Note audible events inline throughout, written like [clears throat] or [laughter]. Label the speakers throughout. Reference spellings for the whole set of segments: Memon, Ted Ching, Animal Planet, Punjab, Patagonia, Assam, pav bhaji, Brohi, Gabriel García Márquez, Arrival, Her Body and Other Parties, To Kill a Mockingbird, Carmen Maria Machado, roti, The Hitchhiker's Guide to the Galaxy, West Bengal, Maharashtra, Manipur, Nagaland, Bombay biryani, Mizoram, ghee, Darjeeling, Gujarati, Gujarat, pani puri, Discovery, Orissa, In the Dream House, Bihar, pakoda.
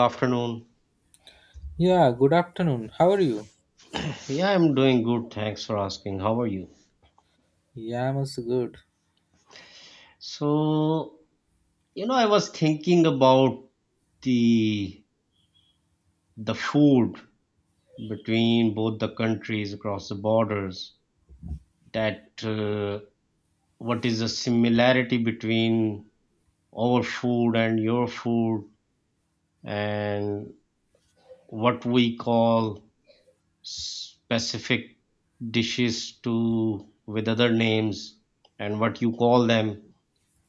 Speaker 1: Afternoon.
Speaker 2: Yeah, good afternoon. How are you?
Speaker 1: Yeah, I'm doing good. Thanks for asking. How are you?
Speaker 2: Yeah, I'm also good.
Speaker 1: So, you know, I was thinking about the the food between both the countries across the borders. That What is the similarity between our food and your food, and what we call specific dishes to with other names, and what you call them.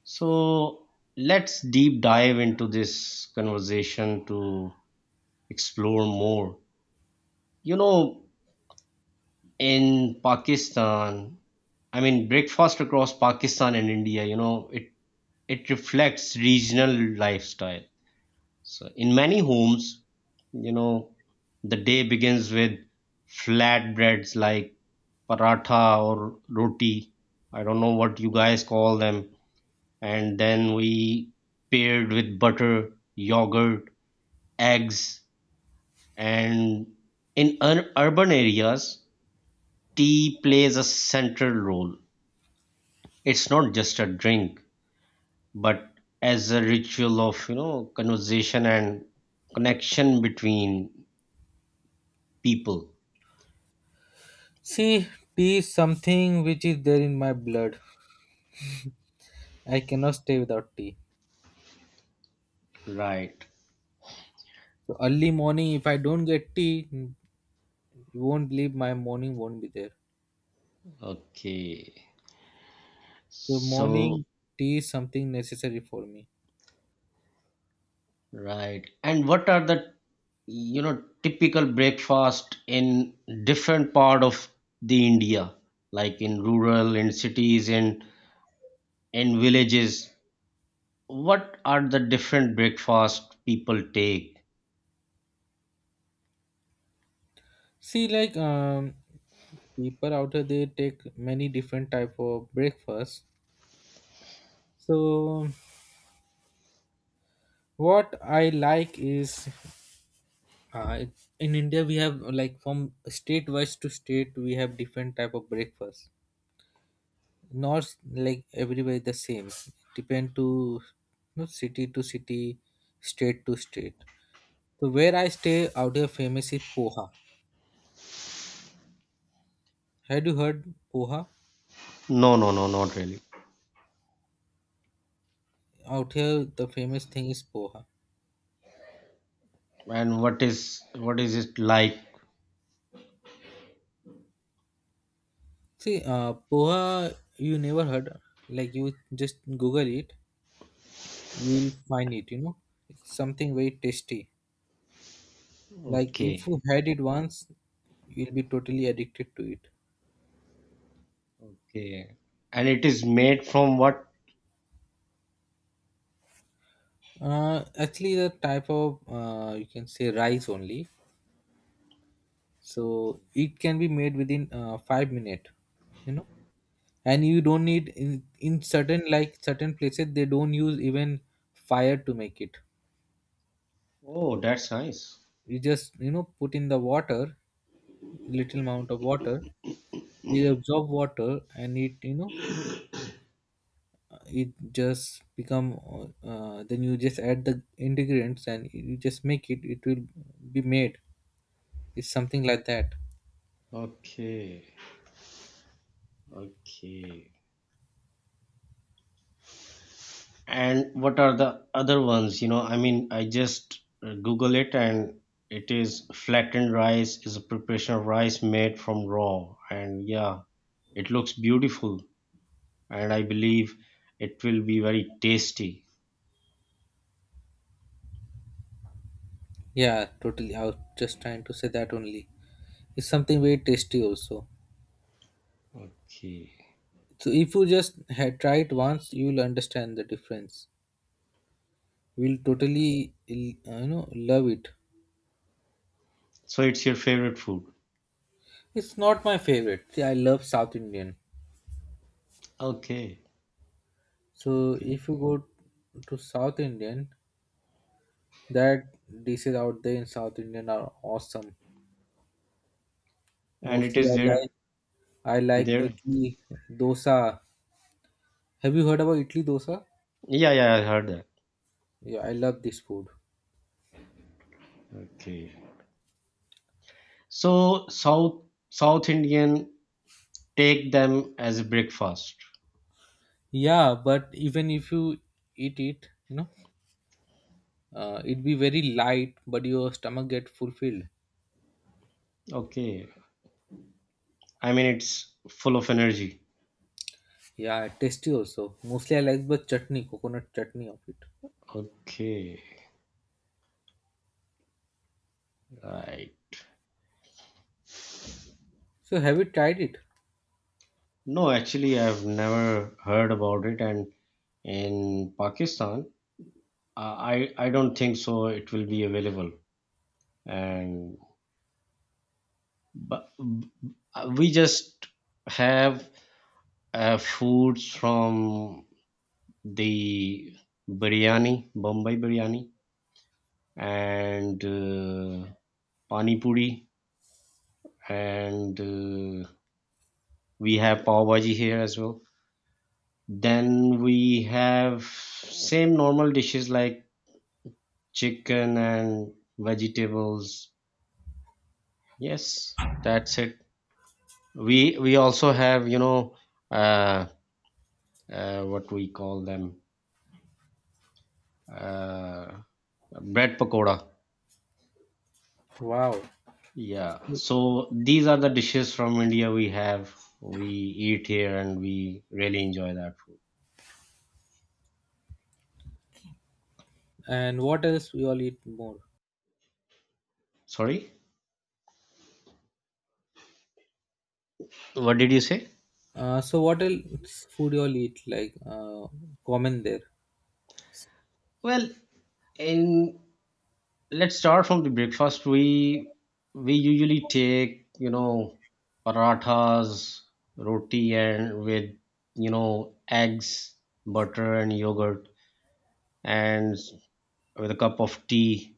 Speaker 1: So let's deep dive into this conversation to explore more. You know, in Pakistan, I mean, breakfast across Pakistan and India, you know, it reflects regional lifestyle. So in many homes, you know, the day begins with flatbreads like paratha or roti. I don't know what you guys call them, and then we paired with butter, yogurt, eggs, and in urban areas, tea plays a central role. It's not just a drink, but as a ritual of, you know, conversation and connection between people.
Speaker 2: See, tea is something which is there in my blood. I cannot stay without tea.
Speaker 1: Right.
Speaker 2: So early morning, if I don't get tea, you won't believe my morning won't be there.
Speaker 1: Okay.
Speaker 2: So
Speaker 1: So
Speaker 2: morning tea is something necessary for me.
Speaker 1: right. And what are the, you know, typical breakfast in different part of the India, like in rural and cities and villages, what are the different breakfast people take?
Speaker 2: See, people out here they take many different type of breakfast. So what I like is Uh, in India, we have like from state wise to state, we have different type of breakfast. Not like everywhere the same. Depend to city to city, state to state. So where I stay out here, famous is poha. Had you heard poha?
Speaker 1: No, no, no, not really.
Speaker 2: Out here, the famous thing is poha.
Speaker 1: And what is, what is it like?
Speaker 2: See, poha you never heard. Like you just Google it, you will find it. You know, it's something very tasty. Like if you
Speaker 1: Okay.
Speaker 2: had it once, you'll be totally addicted to it.
Speaker 1: Okay. And it is made from what?
Speaker 2: Actually, the type of you can say rice only. So
Speaker 1: Okay.
Speaker 2: it can be made within 5 minutes. You know, and you don't need in certain certain places they don't use even fire to make it.
Speaker 1: Oh, that's nice.
Speaker 2: You just put in the water, little amount of water. It absorb water and it it just become then you just add the ingredients and you just make it, it will be made. It's something like that.
Speaker 1: Okay. Okay. And what are the other ones? You know, I mean, I just Google it, and it is flattened rice, is a preparation of rice made from raw. And yeah, it looks beautiful. And I believe it will be very tasty.
Speaker 2: Yeah, totally, I was just trying to say that only. It's something very tasty also.
Speaker 1: Okay.
Speaker 2: So if you just had try it once, you will understand the difference. You will totally love it.
Speaker 1: So it's your favorite food.
Speaker 2: It's not my favorite. See, I love South Indian.
Speaker 1: Okay.
Speaker 2: So
Speaker 1: Okay.
Speaker 2: if you go to South Indian, that dishes out there in South Indian are awesome.
Speaker 1: And it
Speaker 2: Mostly
Speaker 1: is
Speaker 2: I
Speaker 1: there
Speaker 2: like,
Speaker 1: there.
Speaker 2: Italy dosa. Have you heard about Italy dosa?
Speaker 1: Yeah, yeah, I heard that.
Speaker 2: Yeah, I love this food.
Speaker 1: Okay. So South South Indian take them as a breakfast.
Speaker 2: Yeah, but even if you eat it, it be very light, but your stomach get fulfilled.
Speaker 1: Okay. I mean, it's full of energy.
Speaker 2: Yeah, tasty also. Mostly I like the chutney, coconut chutney of it.
Speaker 1: Okay, right.
Speaker 2: So have you tried it?
Speaker 1: No, actually, I've never heard about it, and in Pakistan, I don't think so. It will be available, and but we just have foods from the biryani, Bombay biryani, and pani puri, and we have pav bhaji here as well. Then we have same normal dishes like chicken and vegetables. Yes, that's it. We also have, you know, uh, what we call them, uh, bread pakoda.
Speaker 2: Wow.
Speaker 1: Yeah. So these are the dishes from India we have. We eat here and we really enjoy that food.
Speaker 2: And what else you all eat more?
Speaker 1: Sorry, what did you say?
Speaker 2: So what else food you all eat like common there?
Speaker 1: Well, in, let's start from the breakfast. We usually take, you know, parathas, roti and with, you know, eggs, butter and yogurt, and with a cup of tea,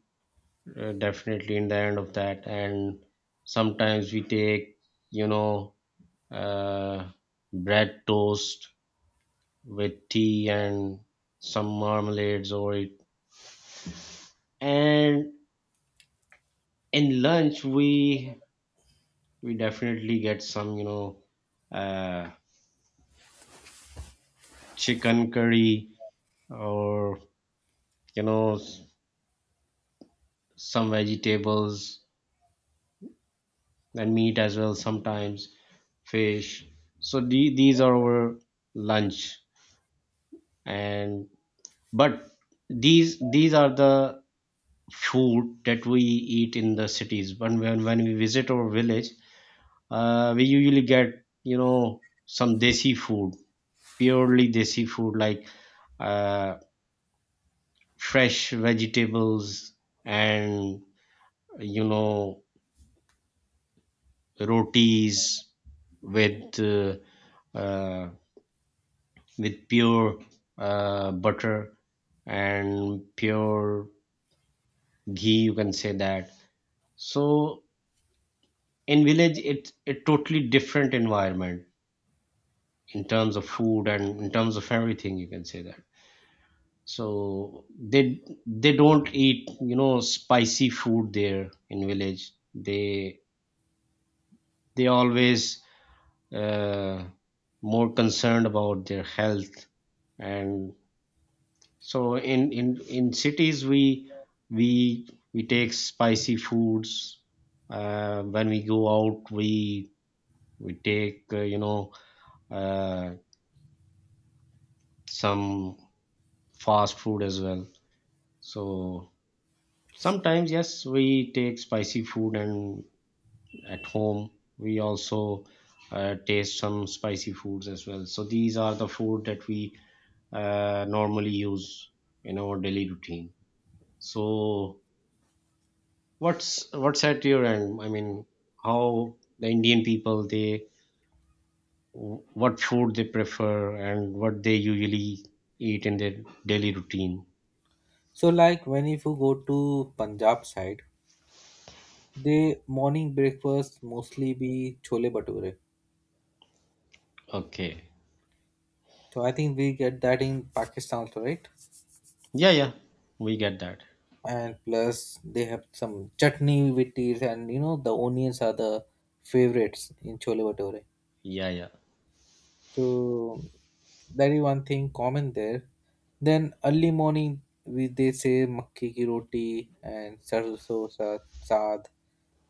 Speaker 1: definitely in the end of that. And sometimes we take, you know, uh, bread toast with tea and some marmalades over it. And in lunch we definitely get some, you know, uh, chicken curry, or you know, some vegetables and meat as well, sometimes fish. So these are our lunch. And but these are the food that we eat in the cities, but when we visit our village, we usually get, you know, some desi food, purely desi food, like uh, fresh vegetables, and you know, rotis with uh, uh, with pure butter and pure ghee, you can say that. So in village it's a totally different environment, in terms of food and in terms of everything, you can say that. So they don't eat, you know, spicy food there in village. They always, uh, more concerned about their health. And so in cities we take spicy foods. When we go out, we take you know, uh, some fast food as well. So sometimes yes we take spicy food, and at home we also taste some spicy foods as well. So these are the food that we normally use in our daily routine. So what's at your end? I mean, how the Indian people they, what food they prefer and what they usually eat in their daily routine.
Speaker 2: So like when if you go to Punjab side, they morning breakfast mostly be chole bhature.
Speaker 1: Okay.
Speaker 2: So I think we get that in Pakistan also, right?
Speaker 1: Yeah, yeah. We get that.
Speaker 2: And plus they have some chutney with it, and you know the onions are the favorites in chole bhature.
Speaker 1: Yeah, yeah.
Speaker 2: So that is one thing common there. Then early morning we they say makki ki roti and sarso sa saad.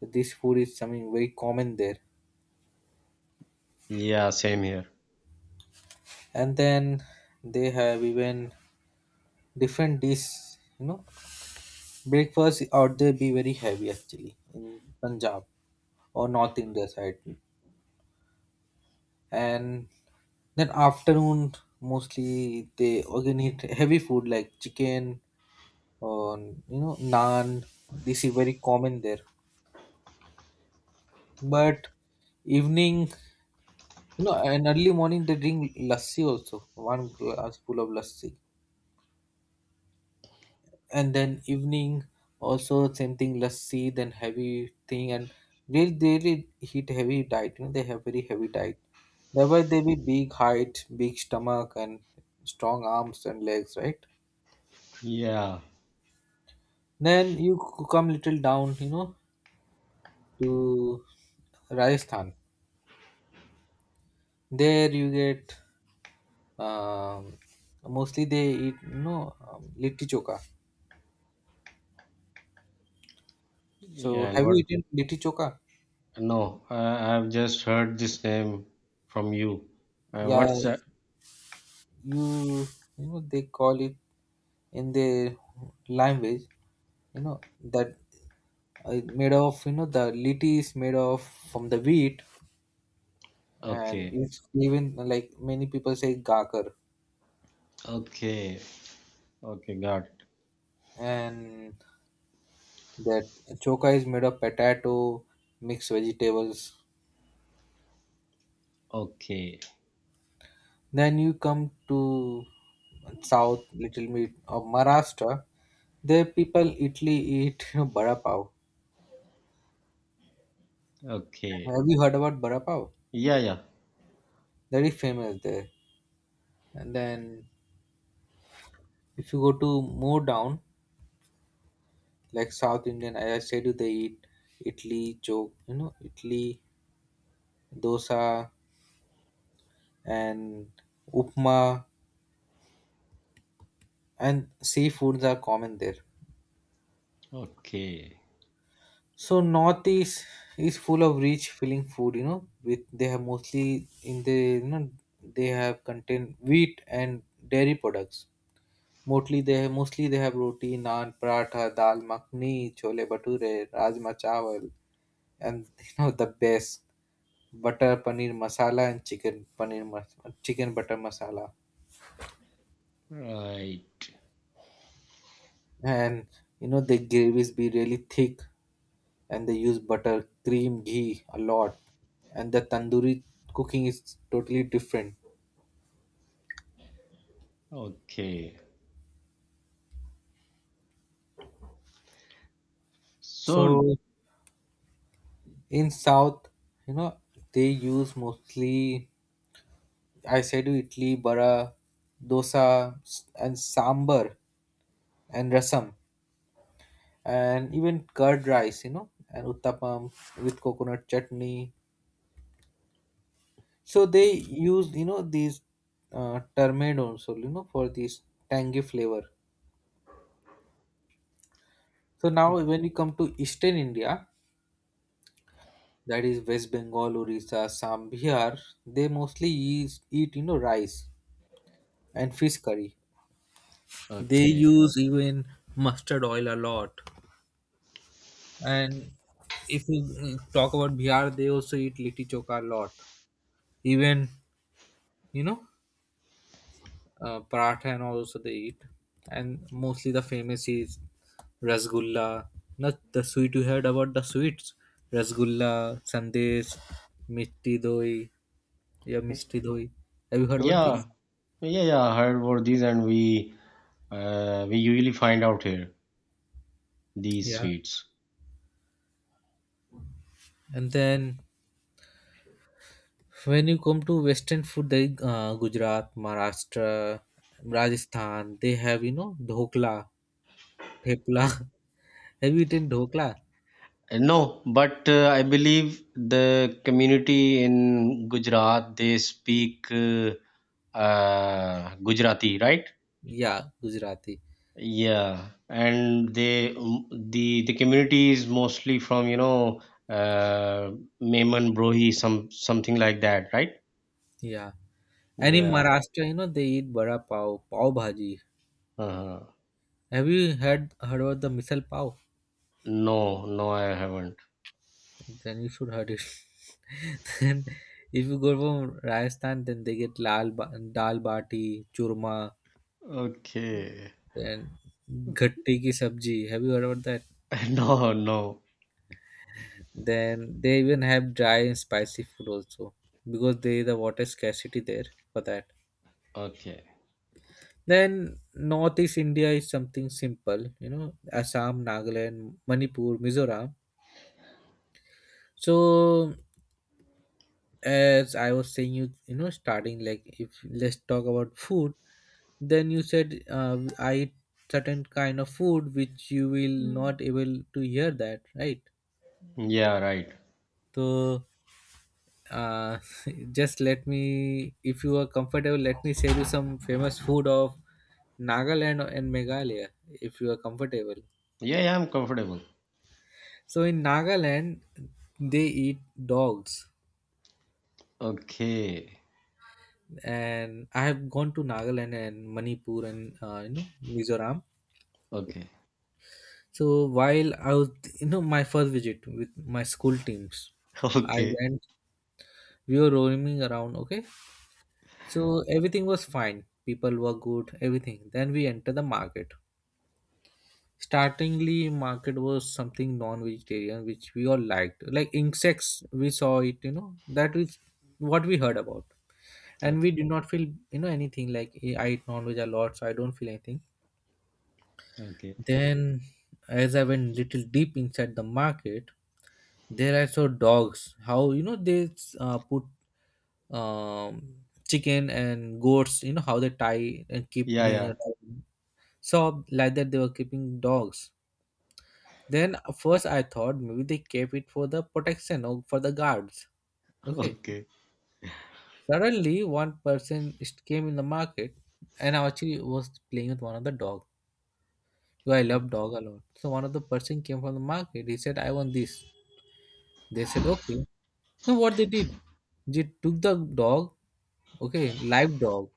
Speaker 2: This food is something very common there.
Speaker 1: Yeah, same here.
Speaker 2: And then they have even different dish, you know, breakfast out there be very heavy actually in Punjab or North India side, and then afternoon mostly they again eat heavy food like chicken or you know naan. This is very common there, but evening, you know, and early morning they drink lassi also, one glass full of lassi. And then evening also same thing, lassi, then heavy thing. And really they really eat heavy diet. You know, they have very heavy diet, thereby they be big height, big stomach and strong arms and legs, right?
Speaker 1: Yeah.
Speaker 2: Then you come little down, you know, to Rajasthan. There you get, um, mostly they eat you know litti choka. So
Speaker 1: Yeah, and
Speaker 2: have you
Speaker 1: what?
Speaker 2: eaten litti choka?
Speaker 1: No, I've just heard this name from you.
Speaker 2: Yeah,
Speaker 1: What's that?
Speaker 2: you you know they call it in their language, you know, that made of, you know, the liti is made of from the wheat. And
Speaker 1: Okay.
Speaker 2: it's even like many people say gakar.
Speaker 1: Okay. Okay, got it.
Speaker 2: And that choka is made of potato, mixed vegetables.
Speaker 1: Okay.
Speaker 2: Then you come to south, little bit of Maharashtra. There people italy eat [laughs] you know, bada pav.
Speaker 1: Okay.
Speaker 2: Have you heard about bada pav?
Speaker 1: Yeah, yeah.
Speaker 2: Very famous there. And then if you go to more down, like South Indian. I said you they eat idli, chok, you know, idli, dosa, and upma, and seafoods are common there.
Speaker 1: Okay.
Speaker 2: So Northeast is full of rich, filling food. You know, with they have mostly in the you know they have contain wheat and dairy products. Mostly they have roti, naan, paratha, dal makhni, chole bhature, rajma chawal, and [laughs] you know the best. Butter paneer masala and chicken butter masala,
Speaker 1: Right.
Speaker 2: and you know the gravies be really thick, and they use butter, cream, ghee a lot, and the tandoori cooking is totally different.
Speaker 1: Okay. So,
Speaker 2: So in south, you know, they use mostly, I said you, idli, bara, dosa, and sambar and rasam and even curd rice, you know, and uttapam with coconut chutney. So they used, you know, these turmeric also, you know, for this tangy flavor. So now when you come to Eastern India, that is West Bengal, Orissa, Assam, Bihar, they mostly eat, you know, rice and fish curry. They
Speaker 1: okay.
Speaker 2: use even mustard oil a lot. And if you talk about Bihar, they also eat litti choka a lot. Even, you know, paratha and also they eat. And mostly the famous is rasgulla, not the sweet, you heard about the sweets, rasgulla, sandesh, mitti doi, yeah, misti doi. Have you heard about
Speaker 1: Yeah.
Speaker 2: this?
Speaker 1: Yeah, yeah. I heard about these, and we usually find out here these
Speaker 2: Yeah,
Speaker 1: sweets.
Speaker 2: and then when you come to western food, they, Gujarat, Maharashtra, Rajasthan, they have you know dhokla, thepla. [laughs] Have you eaten dhokla?
Speaker 1: No, but I believe the community in Gujarat they speak Gujarati, right?
Speaker 2: Yeah, Gujarati.
Speaker 1: Yeah, and they the community is mostly from, you know, uh Memon Brohi, some something like that, right?
Speaker 2: Yeah, and in
Speaker 1: Yeah.
Speaker 2: Maharashtra, you know, they eat bada pav, pav bhaji.
Speaker 1: Uh-huh.
Speaker 2: Have you had heard about the missile pav?
Speaker 1: No, no, I haven't.
Speaker 2: Then you should heard it. [laughs] Then if you go from Rajasthan, then they get dal bati, churma,
Speaker 1: Okay.
Speaker 2: then gatti ki sabji. Have you heard about that?
Speaker 1: [laughs] No, no.
Speaker 2: Then they even have dry and spicy food also because there is a water scarcity there for that.
Speaker 1: Okay.
Speaker 2: Then Northeast India is something simple, you know, Assam, Nagaland, Manipur, Mizoram. So as I was saying, you know, starting, like, if let's talk about food, then you said, I eat certain kind of food which you will, mm, not able to hear that, right?
Speaker 1: Yeah, right.
Speaker 2: So uh, [laughs] just let me, if you are comfortable, let me share you some famous food of Nagaland and Meghalaya, if you are comfortable.
Speaker 1: Yeah, yeah, I'm comfortable.
Speaker 2: So in Nagaland they eat dogs.
Speaker 1: Okay.
Speaker 2: And I have gone to Nagaland and Manipur and you know Mizoram.
Speaker 1: Okay.
Speaker 2: So while I was, you know, my first visit with my school teams,
Speaker 1: [laughs]
Speaker 2: I
Speaker 1: Okay.
Speaker 2: went. We were roaming around. Okay, so everything was fine. People were good. Everything. Then we enter the market. Startingly, market was something non-vegetarian, which we all liked, like insects. We saw it. You know, that is what we heard about, and
Speaker 1: Okay.
Speaker 2: we did not feel, you know, anything. Like, "Eh, I eat non-veg a lot, so I don't feel anything."
Speaker 1: Okay.
Speaker 2: Then, as I went little deep inside the market, there I saw dogs. How you know they put chicken and goats. You know how they tie and keep
Speaker 1: Yeah, yeah.
Speaker 2: the, so like that they were keeping dogs. Then first I thought maybe they kept it for the protection or for the guards.
Speaker 1: [laughs]
Speaker 2: Okay.
Speaker 1: Okay.
Speaker 2: Suddenly one person came in the market and I actually was playing with one of the dog. Well, I love dog a lot. So one of the person came from the market. He said, "I want this." They said, okay. So what they did, they took the dog. Okay, live dog.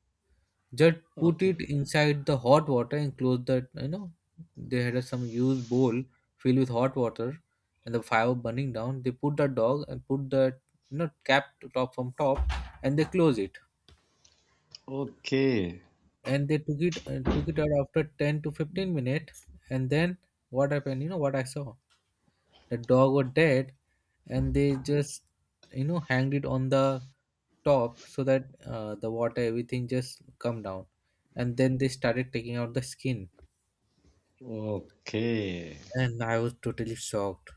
Speaker 2: Just put
Speaker 1: Okay.
Speaker 2: it inside the hot water and close the. You know, they had a, some used bowl filled with hot water, and the fire burning down. They put the dog and put the, you know, cap to top from top, and they close it.
Speaker 1: Okay. Okay.
Speaker 2: And they took it, took it out after 10 to 15 minutes, and then what happened? You know what I saw? The dog were dead and they just, you know, hanged it on the top so that the water everything just come down. And then they started taking out the skin.
Speaker 1: Okay.
Speaker 2: And I was totally shocked.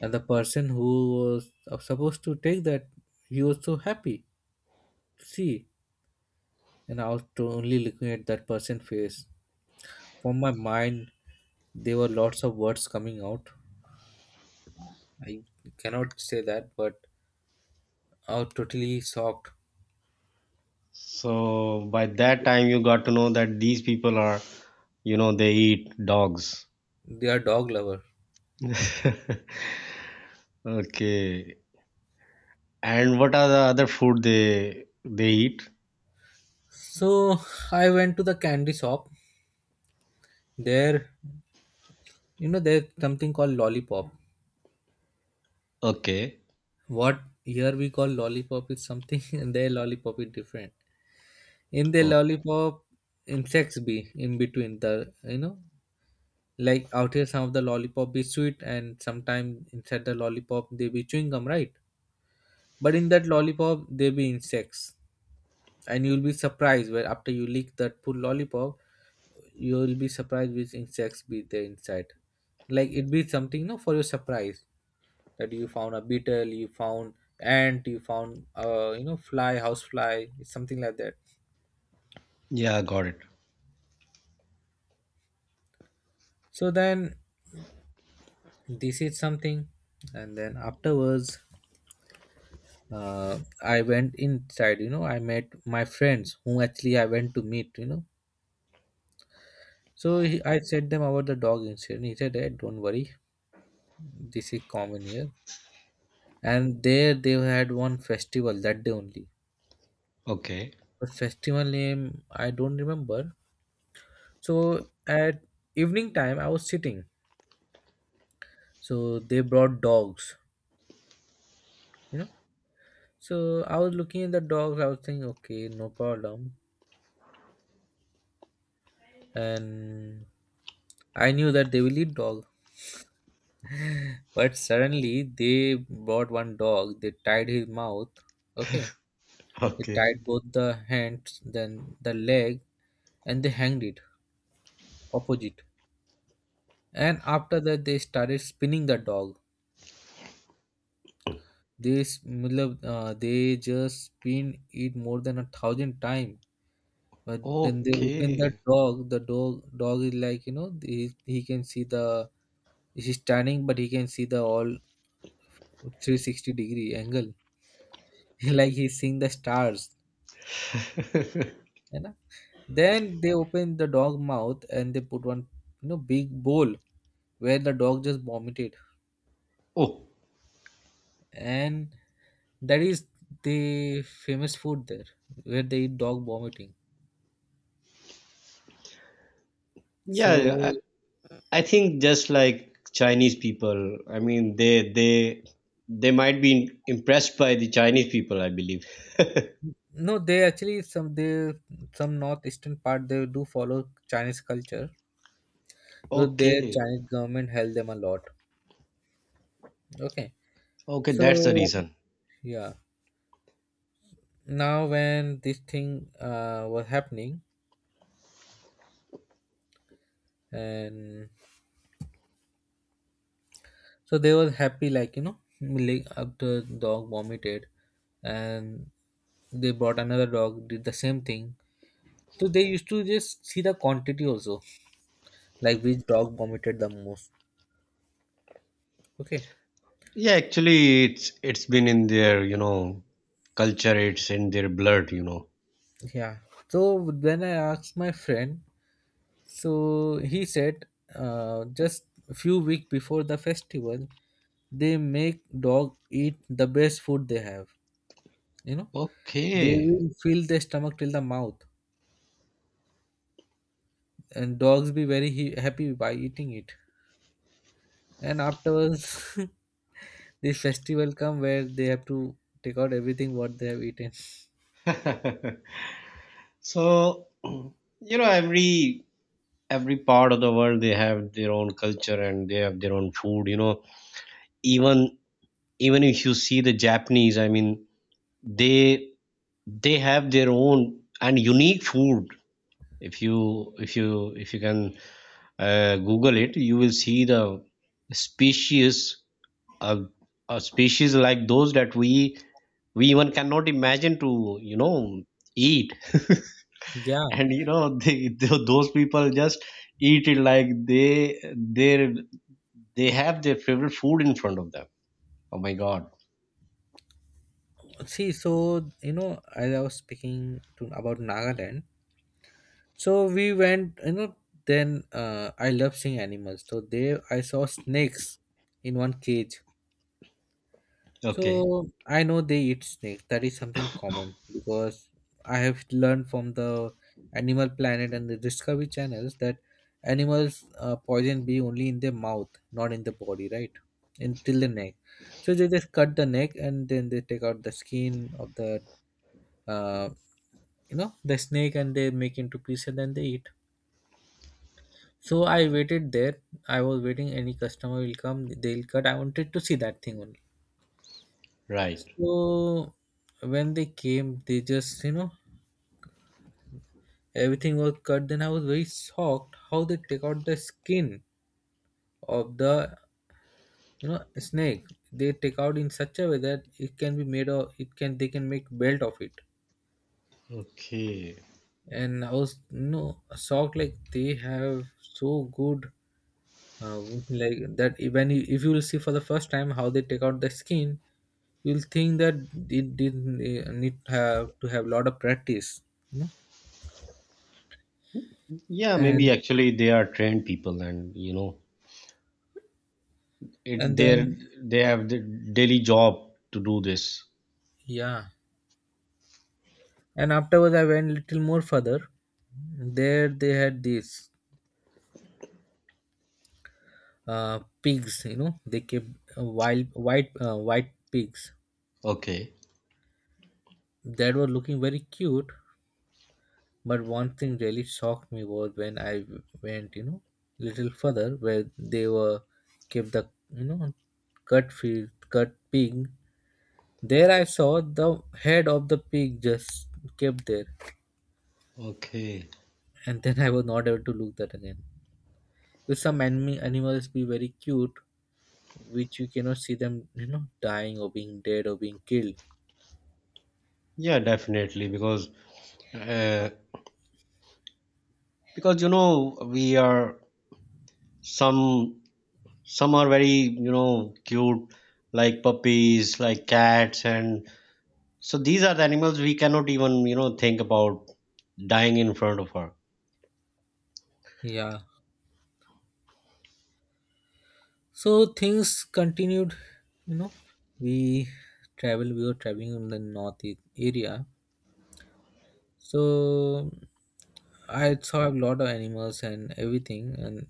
Speaker 2: And the person who was supposed to take that, he was so happy to see. And I was only looking at that person face. From my mind, there were lots of words coming out. I cannot say that, but I was totally shocked.
Speaker 1: So by that time, you got to know that these people are, you know, they eat dogs.
Speaker 2: They are dog lover.
Speaker 1: [laughs] Okay. And what are the other food they eat?
Speaker 2: So I went to the candy shop. There, you know, there's something called lollipop.
Speaker 1: Okay.
Speaker 2: What here we call lollipop is something, [laughs] and their lollipop is different. In their
Speaker 1: Oh,
Speaker 2: lollipop, insects be in between the, you know, like out here some of the lollipop be sweet, and sometimes inside the lollipop they be chewing gum, right? But in that lollipop they be insects. And you'll be surprised where after you lick that full lollipop, you'll be surprised which insects be there inside, like it be something no for your surprise, that you found a beetle, you found ant, you found fly, house fly, something like that.
Speaker 1: yeah, got it.
Speaker 2: So then, this is something. And then afterwards, I went inside. I met my friends whom actually I went to meet. So I said them about the dog incident. He said, "Hey, don't worry, this is common here." And there they had one festival that day only.
Speaker 1: Okay.
Speaker 2: But festival name I don't remember. So at evening time I was sitting, so they brought dogs, you know so I was looking at the dogs. I was thinking, okay, no problem. And I knew that they will eat dog. [laughs] But suddenly they brought one dog, they tied his mouth. Okay.
Speaker 1: [laughs]
Speaker 2: They
Speaker 1: Okay.
Speaker 2: tied both the hands, then the leg, and they hanged it opposite. And after that they started spinning the dog. They matlab, they just spin it more than 1,000 times. But then they open the
Speaker 1: Okay.
Speaker 2: dog is like, he can see the. He's standing, but he can see the all 360-degree angle. [laughs] Like he's seeing the stars, you know. Then they open the dog mouth and they put one, big bowl where the dog just vomited.
Speaker 1: Oh,
Speaker 2: And that is the famous food there where they eat dog vomiting.
Speaker 1: yeah. Yeah,
Speaker 2: So
Speaker 1: I think just like Chinese people, I mean, they might be impressed by the Chinese people, I believe.
Speaker 2: no, they actually, some northeastern part, they do follow Chinese culture. So their
Speaker 1: Okay.
Speaker 2: Chinese government helped them a lot. Okay.
Speaker 1: Okay, that's the
Speaker 2: So,
Speaker 1: reason.
Speaker 2: yeah. Now when this thing was happening, and so they were happy, like, after dog vomited. And they brought another dog, did the same thing. So they used to just see the quantity also, like which dog vomited the most. Okay.
Speaker 1: Yeah, actually, it's been in their, you know, culture. It's in their blood, you know.
Speaker 2: Yeah. So when I asked my friend, so he said, just a few weeks before the festival, they make dog eat the best food they have. You know, they
Speaker 1: Okay.
Speaker 2: will fill their stomach till the mouth, and dogs be very happy by eating it. And afterwards, [laughs] this festival come where they have to take out everything what they have eaten.
Speaker 1: [laughs] So, [clears throat] you know, every part of the world they have their own culture and they have their own food, you know. Even even if you see the Japanese, I mean, they they have their own and unique food. If you can Google it, you will see the species, a, a species like those that we even cannot imagine to, you know, eat.
Speaker 2: Yeah.
Speaker 1: [laughs] And you know, [laughs] they, those people just eat it like they have their favorite food in front of them. Oh my god.
Speaker 2: See, so, you know, as I was speaking to about Nagaland, so we went. You know, then I love seeing animals. So there, I saw snakes in one cage.
Speaker 1: Okay,
Speaker 2: So I know they eat snakes. That is something common because I have learned from the Animal Planet and the Discovery channels that animals poison be only in their mouth, not in the body, right? Until the neck. So they just cut the neck and then they take out the skin of the uh. you know the snake, and they make into pieces and then they eat. So I waited there. I was waiting any customer will come, they'll cut. I wanted to see that thing only.
Speaker 1: right.
Speaker 2: So when they came, they just, you know, everything was cut. Then I was very shocked how they take out the skin of the, you know snake. They take out in such a way that it can be made of it can they can make belt of it.
Speaker 1: Okay.
Speaker 2: And I was, you know, shocked, like they have so good, uh, like that, when if you will see for the first time how they take out the skin, you'll think that it didn't need to have a lot of practice you know
Speaker 1: Yeah, maybe
Speaker 2: and
Speaker 1: actually they are trained people, and you know,
Speaker 2: and
Speaker 1: it they're,
Speaker 2: then,
Speaker 1: they have the daily job to do this.
Speaker 2: yeah, and afterwards I went little more further. There they had these, pigs, you know, they kept wild white pigs
Speaker 1: Okay.
Speaker 2: that were looking very cute. But one thing really shocked me was when I went, you know, little further, where they were kept the, you know, cut pig. There I saw the head of the pig just kept there,
Speaker 1: Okay.
Speaker 2: and then I was not able to look that again. With some anime animals be very cute, which you cannot see them, you know, dying or being dead or being killed.
Speaker 1: Yeah, definitely, uh, because you know, we are, some some are very, you know, cute, like puppies, like cats. And so these are the animals we cannot even, you know, think about dying in front of her.
Speaker 2: Yeah. So things continued, you know. We We were traveling in the north area. So I saw a lot of animals and everything, and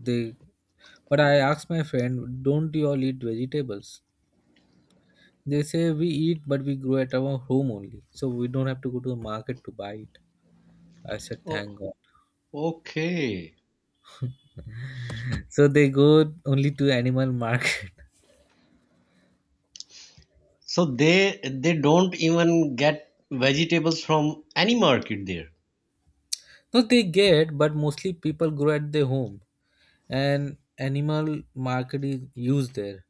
Speaker 2: they. But I asked my friend, "Don't you all eat vegetables?" They say we eat, but we grow at our home only, so we don't have to go to the market to buy it. I said,
Speaker 1: Oh,
Speaker 2: "Thank God."
Speaker 1: okay.
Speaker 2: So they go only to animal market.
Speaker 1: So they don't even get vegetables from any market there?
Speaker 2: [laughs] No, they get, but mostly people grow at their home. And animal market is used there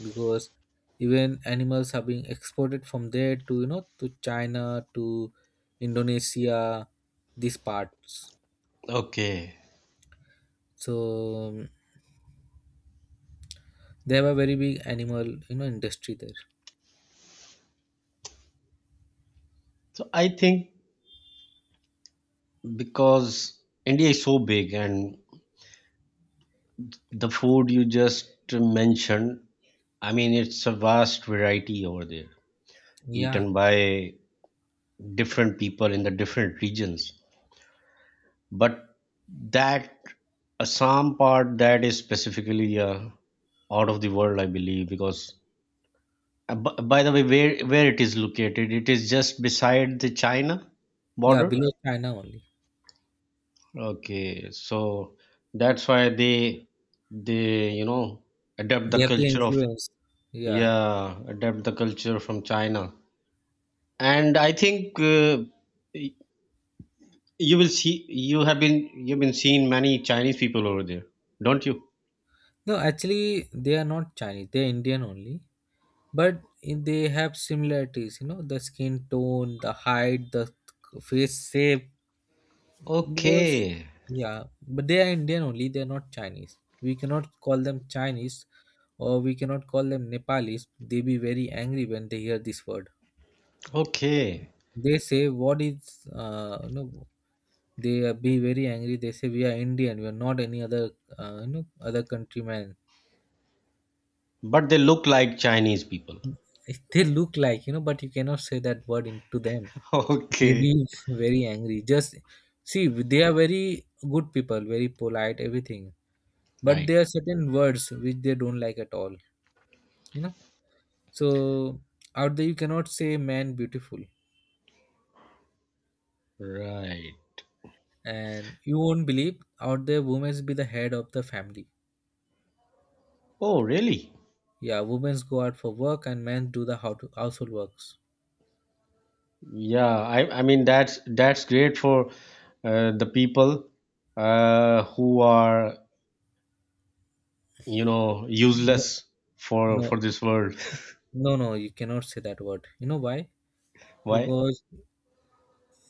Speaker 2: because even animals are being exported from there to you know to China, to Indonesia, these parts.
Speaker 1: Okay.
Speaker 2: So, um, they have a very big animal, industry there.
Speaker 1: So I think, because India is so big, and the food you just mentioned, I mean, it's a vast variety over there,
Speaker 2: Yeah,
Speaker 1: eaten by different people in the different regions. But that Assam part, that is specifically out of the world, I believe, because by the way, where it is located, it is just beside the China
Speaker 2: yeah,
Speaker 1: border.
Speaker 2: below China only.
Speaker 1: Okay, so that's why they, you know, adapt
Speaker 2: They
Speaker 1: the
Speaker 2: have the
Speaker 1: culture of,
Speaker 2: influence. Yeah.
Speaker 1: yeah, adapt the culture from China, and I think. You will see. You have been. You've been seeing many Chinese people over there, don't you?
Speaker 2: No, actually, they are not Chinese, they're Indian only. But they have similarities, you know, the skin tone, the height, the face shape. Because,
Speaker 1: Okay.
Speaker 2: yeah, but they are Indian only, they are not Chinese. We cannot call them Chinese, or we cannot call them Nepalis. They be very angry when they hear this word.
Speaker 1: Okay.
Speaker 2: They say, what is, they are be very angry. They say, we are Indian, we are not any other, other countryman.
Speaker 1: But they look like Chinese people.
Speaker 2: They look like, you know, but you cannot say that word into them.
Speaker 1: [laughs]
Speaker 2: They be
Speaker 1: Okay.
Speaker 2: very angry. Just see, they are very good people, very polite, everything. But
Speaker 1: Right.
Speaker 2: there are certain words which they don't like at all, you know so. Out there you cannot say man beautiful.
Speaker 1: Right.
Speaker 2: And you won't believe, out there women's be the head of the family.
Speaker 1: Oh, really?
Speaker 2: Yeah. Women's go out for work, and men do the how to household works.
Speaker 1: Yeah. I. I mean, that's great for the people who are, you know,
Speaker 2: Wo-
Speaker 1: useless
Speaker 2: no,
Speaker 1: for this world.
Speaker 2: no, no, you cannot say that word. You know why?
Speaker 1: [laughs] Why?
Speaker 2: Because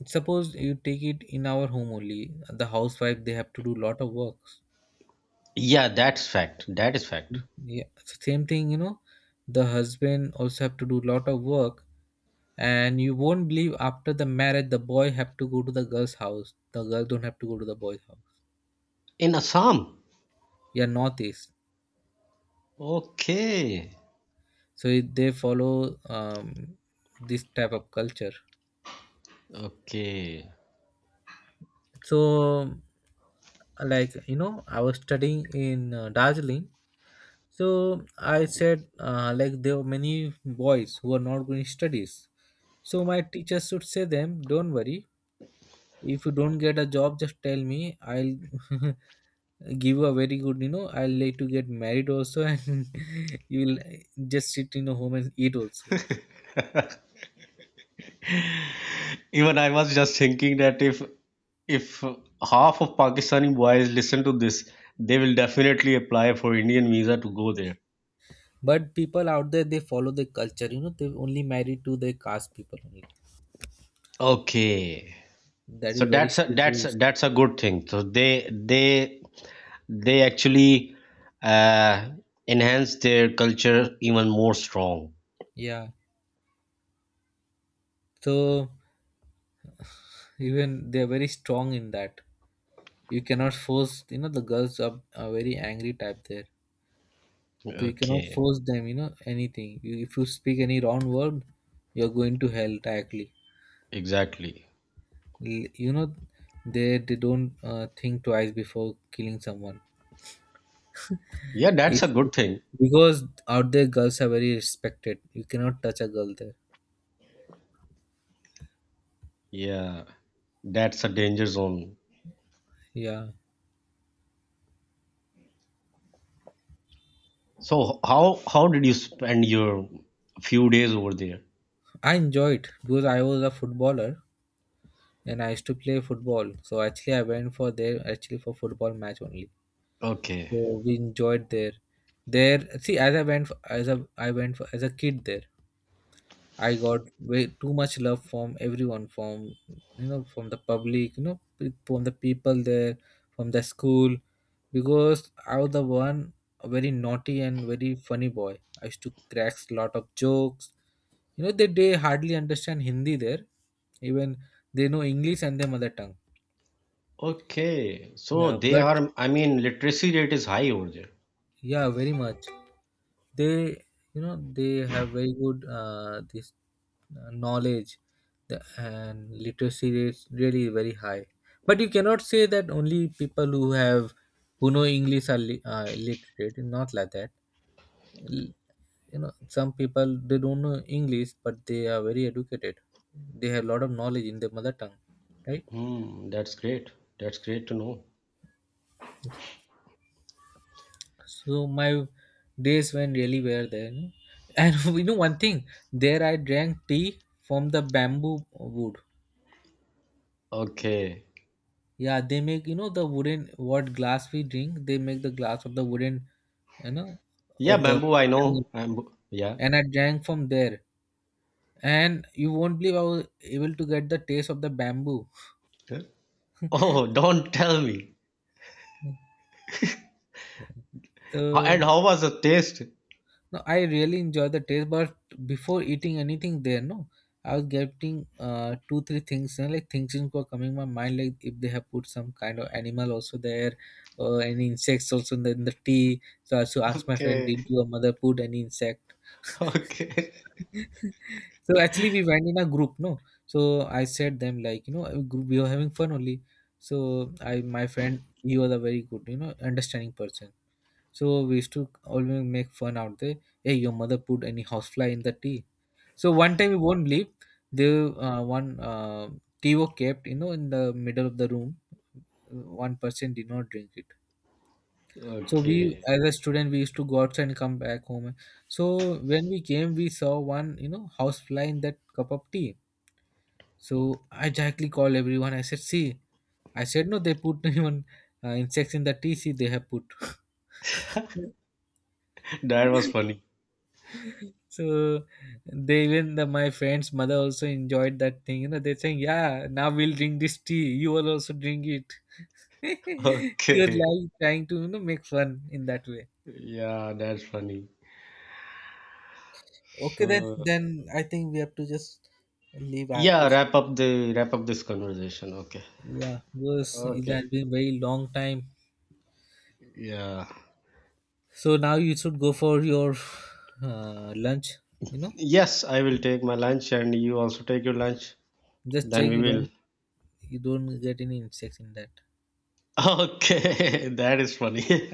Speaker 2: suppose you take it in our home only, the housewife, they have to do lot of works.
Speaker 1: Yeah, that's fact. That is fact.
Speaker 2: Yeah, same thing, you know. The husband also have to do lot of work. And you won't believe, after the marriage, the boy have to go to the girl's house, the girl don't have to go to the boy's house.
Speaker 1: In Assam.
Speaker 2: Yeah, northeast.
Speaker 1: Okay.
Speaker 2: So they follow, this type of culture.
Speaker 1: Okay.
Speaker 2: So, like, you know, I was studying in, Darjeeling. So I said, like, there were many boys who are not going studies. So my teachers should say them, don't worry, if you don't get a job, just tell me, I'll [laughs] give a very good, you know, I'll like to get married also, [laughs] and you will just sit in a home and eat also.
Speaker 1: Even I was just thinking that if half of Pakistani boys listen to this, they will definitely apply for Indian visa to go there.
Speaker 2: But people out there, they follow the culture, you know, they only marry to their caste people only.
Speaker 1: Okay.
Speaker 2: That is
Speaker 1: So
Speaker 2: very
Speaker 1: that's
Speaker 2: strict rules.
Speaker 1: that's a good thing. So they actually uh, enhance their culture even more strong.
Speaker 2: Yeah, so, even they're very strong in that. You cannot force, you know, the girls are very angry type there. So you cannot
Speaker 1: Okay,
Speaker 2: force them, you know, anything. If you speak any wrong word, you're going to hell directly.
Speaker 1: exactly.
Speaker 2: You know, they don't think twice before killing someone.
Speaker 1: Yeah,
Speaker 2: If
Speaker 1: that's a good thing.
Speaker 2: Because out there girls are very respected. You cannot touch a girl there.
Speaker 1: Yeah, that's a danger zone.
Speaker 2: Yeah.
Speaker 1: So how did you spend your few days over there?
Speaker 2: I enjoyed because I was a footballer, and I used to play football. So actually I went for there actually for football match only.
Speaker 1: Okay.
Speaker 2: So we enjoyed there. There, see, as a kid there. I got way too much love from everyone, from from the public, you know, from the people there, from the school, because I was the one, a very naughty and very funny boy. I used to crack a lot of jokes. You know, they hardly understand Hindi there, even they know English and their mother tongue.
Speaker 1: Okay,
Speaker 2: Yeah,
Speaker 1: so they
Speaker 2: but
Speaker 1: are, I mean, literacy rate is high over there.
Speaker 2: yeah, very much. They you know they have very good, this knowledge. And literacy rates really very high. But you cannot say that only people who have who know English are illiterate. Not like that. L- some people they don't know English, but they are very educated. They have a lot of knowledge in their mother tongue, right?
Speaker 1: Hmm, that's great. That's great to know.
Speaker 2: So my days went really well then, and [laughs] one thing, there I drank tea from the bamboo wood.
Speaker 1: Okay.
Speaker 2: Yeah, they make, the wooden, what glass we drink. They make the glass of the wooden, you know,
Speaker 1: Yeah,
Speaker 2: of the,
Speaker 1: bamboo, I know. Bamboo, yeah.
Speaker 2: and I drank from there. And you won't believe, I was able to get the taste of the bamboo.
Speaker 1: Huh? Oh, [laughs] don't tell me. Ho- and
Speaker 2: So
Speaker 1: how was the taste?
Speaker 2: no, I really enjoy the taste. But before eating anything there, no, I was getting two three things, and like things were coming my mind, like if they have put some kind of animal also there, or any insects also in the tea. So I also asked my friend,
Speaker 1: Okay.
Speaker 2: did
Speaker 1: [laughs]
Speaker 2: your mother put any insect?
Speaker 1: Okay.
Speaker 2: So actually, we went in a group, no. So I said them, like, you know, a group, we were having fun only. So my friend, he was a very good, you know, understanding person. So we used to always make fun out there. "Hey, your mother put any housefly in the tea." So one time, you won't believe, the one tea was kept, you know, in the middle of the room. One person did not drink it. So we,
Speaker 1: Okay.
Speaker 2: as a student, we used to go outside and come back home. So when we came, we saw one, you know, housefly in that cup of tea. So I directly called everyone. I said, see, I said, no, they put [laughs] even insects in the tea. See, they have put. [laughs]
Speaker 1: That was funny.
Speaker 2: So they, even the, my friend's mother also enjoyed that thing. You know, they're saying, yeah, now we'll drink this tea. You will also drink it. [laughs] You're
Speaker 1: Okay.
Speaker 2: like trying to, make fun in that way.
Speaker 1: Yeah, that's funny.
Speaker 2: Okay, then
Speaker 1: So,
Speaker 2: I think we have to just leave. I have
Speaker 1: yeah,
Speaker 2: to.
Speaker 1: wrap up this conversation. Okay.
Speaker 2: Yeah, because it has
Speaker 1: Okay.
Speaker 2: been very long time.
Speaker 1: Yeah.
Speaker 2: So now you should go for your lunch. You know,
Speaker 1: Yes, I will take my lunch and you also take your lunch.
Speaker 2: just
Speaker 1: Then
Speaker 2: check
Speaker 1: we
Speaker 2: you
Speaker 1: will.
Speaker 2: don't
Speaker 1: [laughs]
Speaker 2: get any insects in that.
Speaker 1: Okay, that is funny.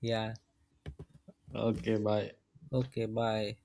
Speaker 2: Yeah.
Speaker 1: [laughs] Okay, bye.
Speaker 2: Okay. Bye.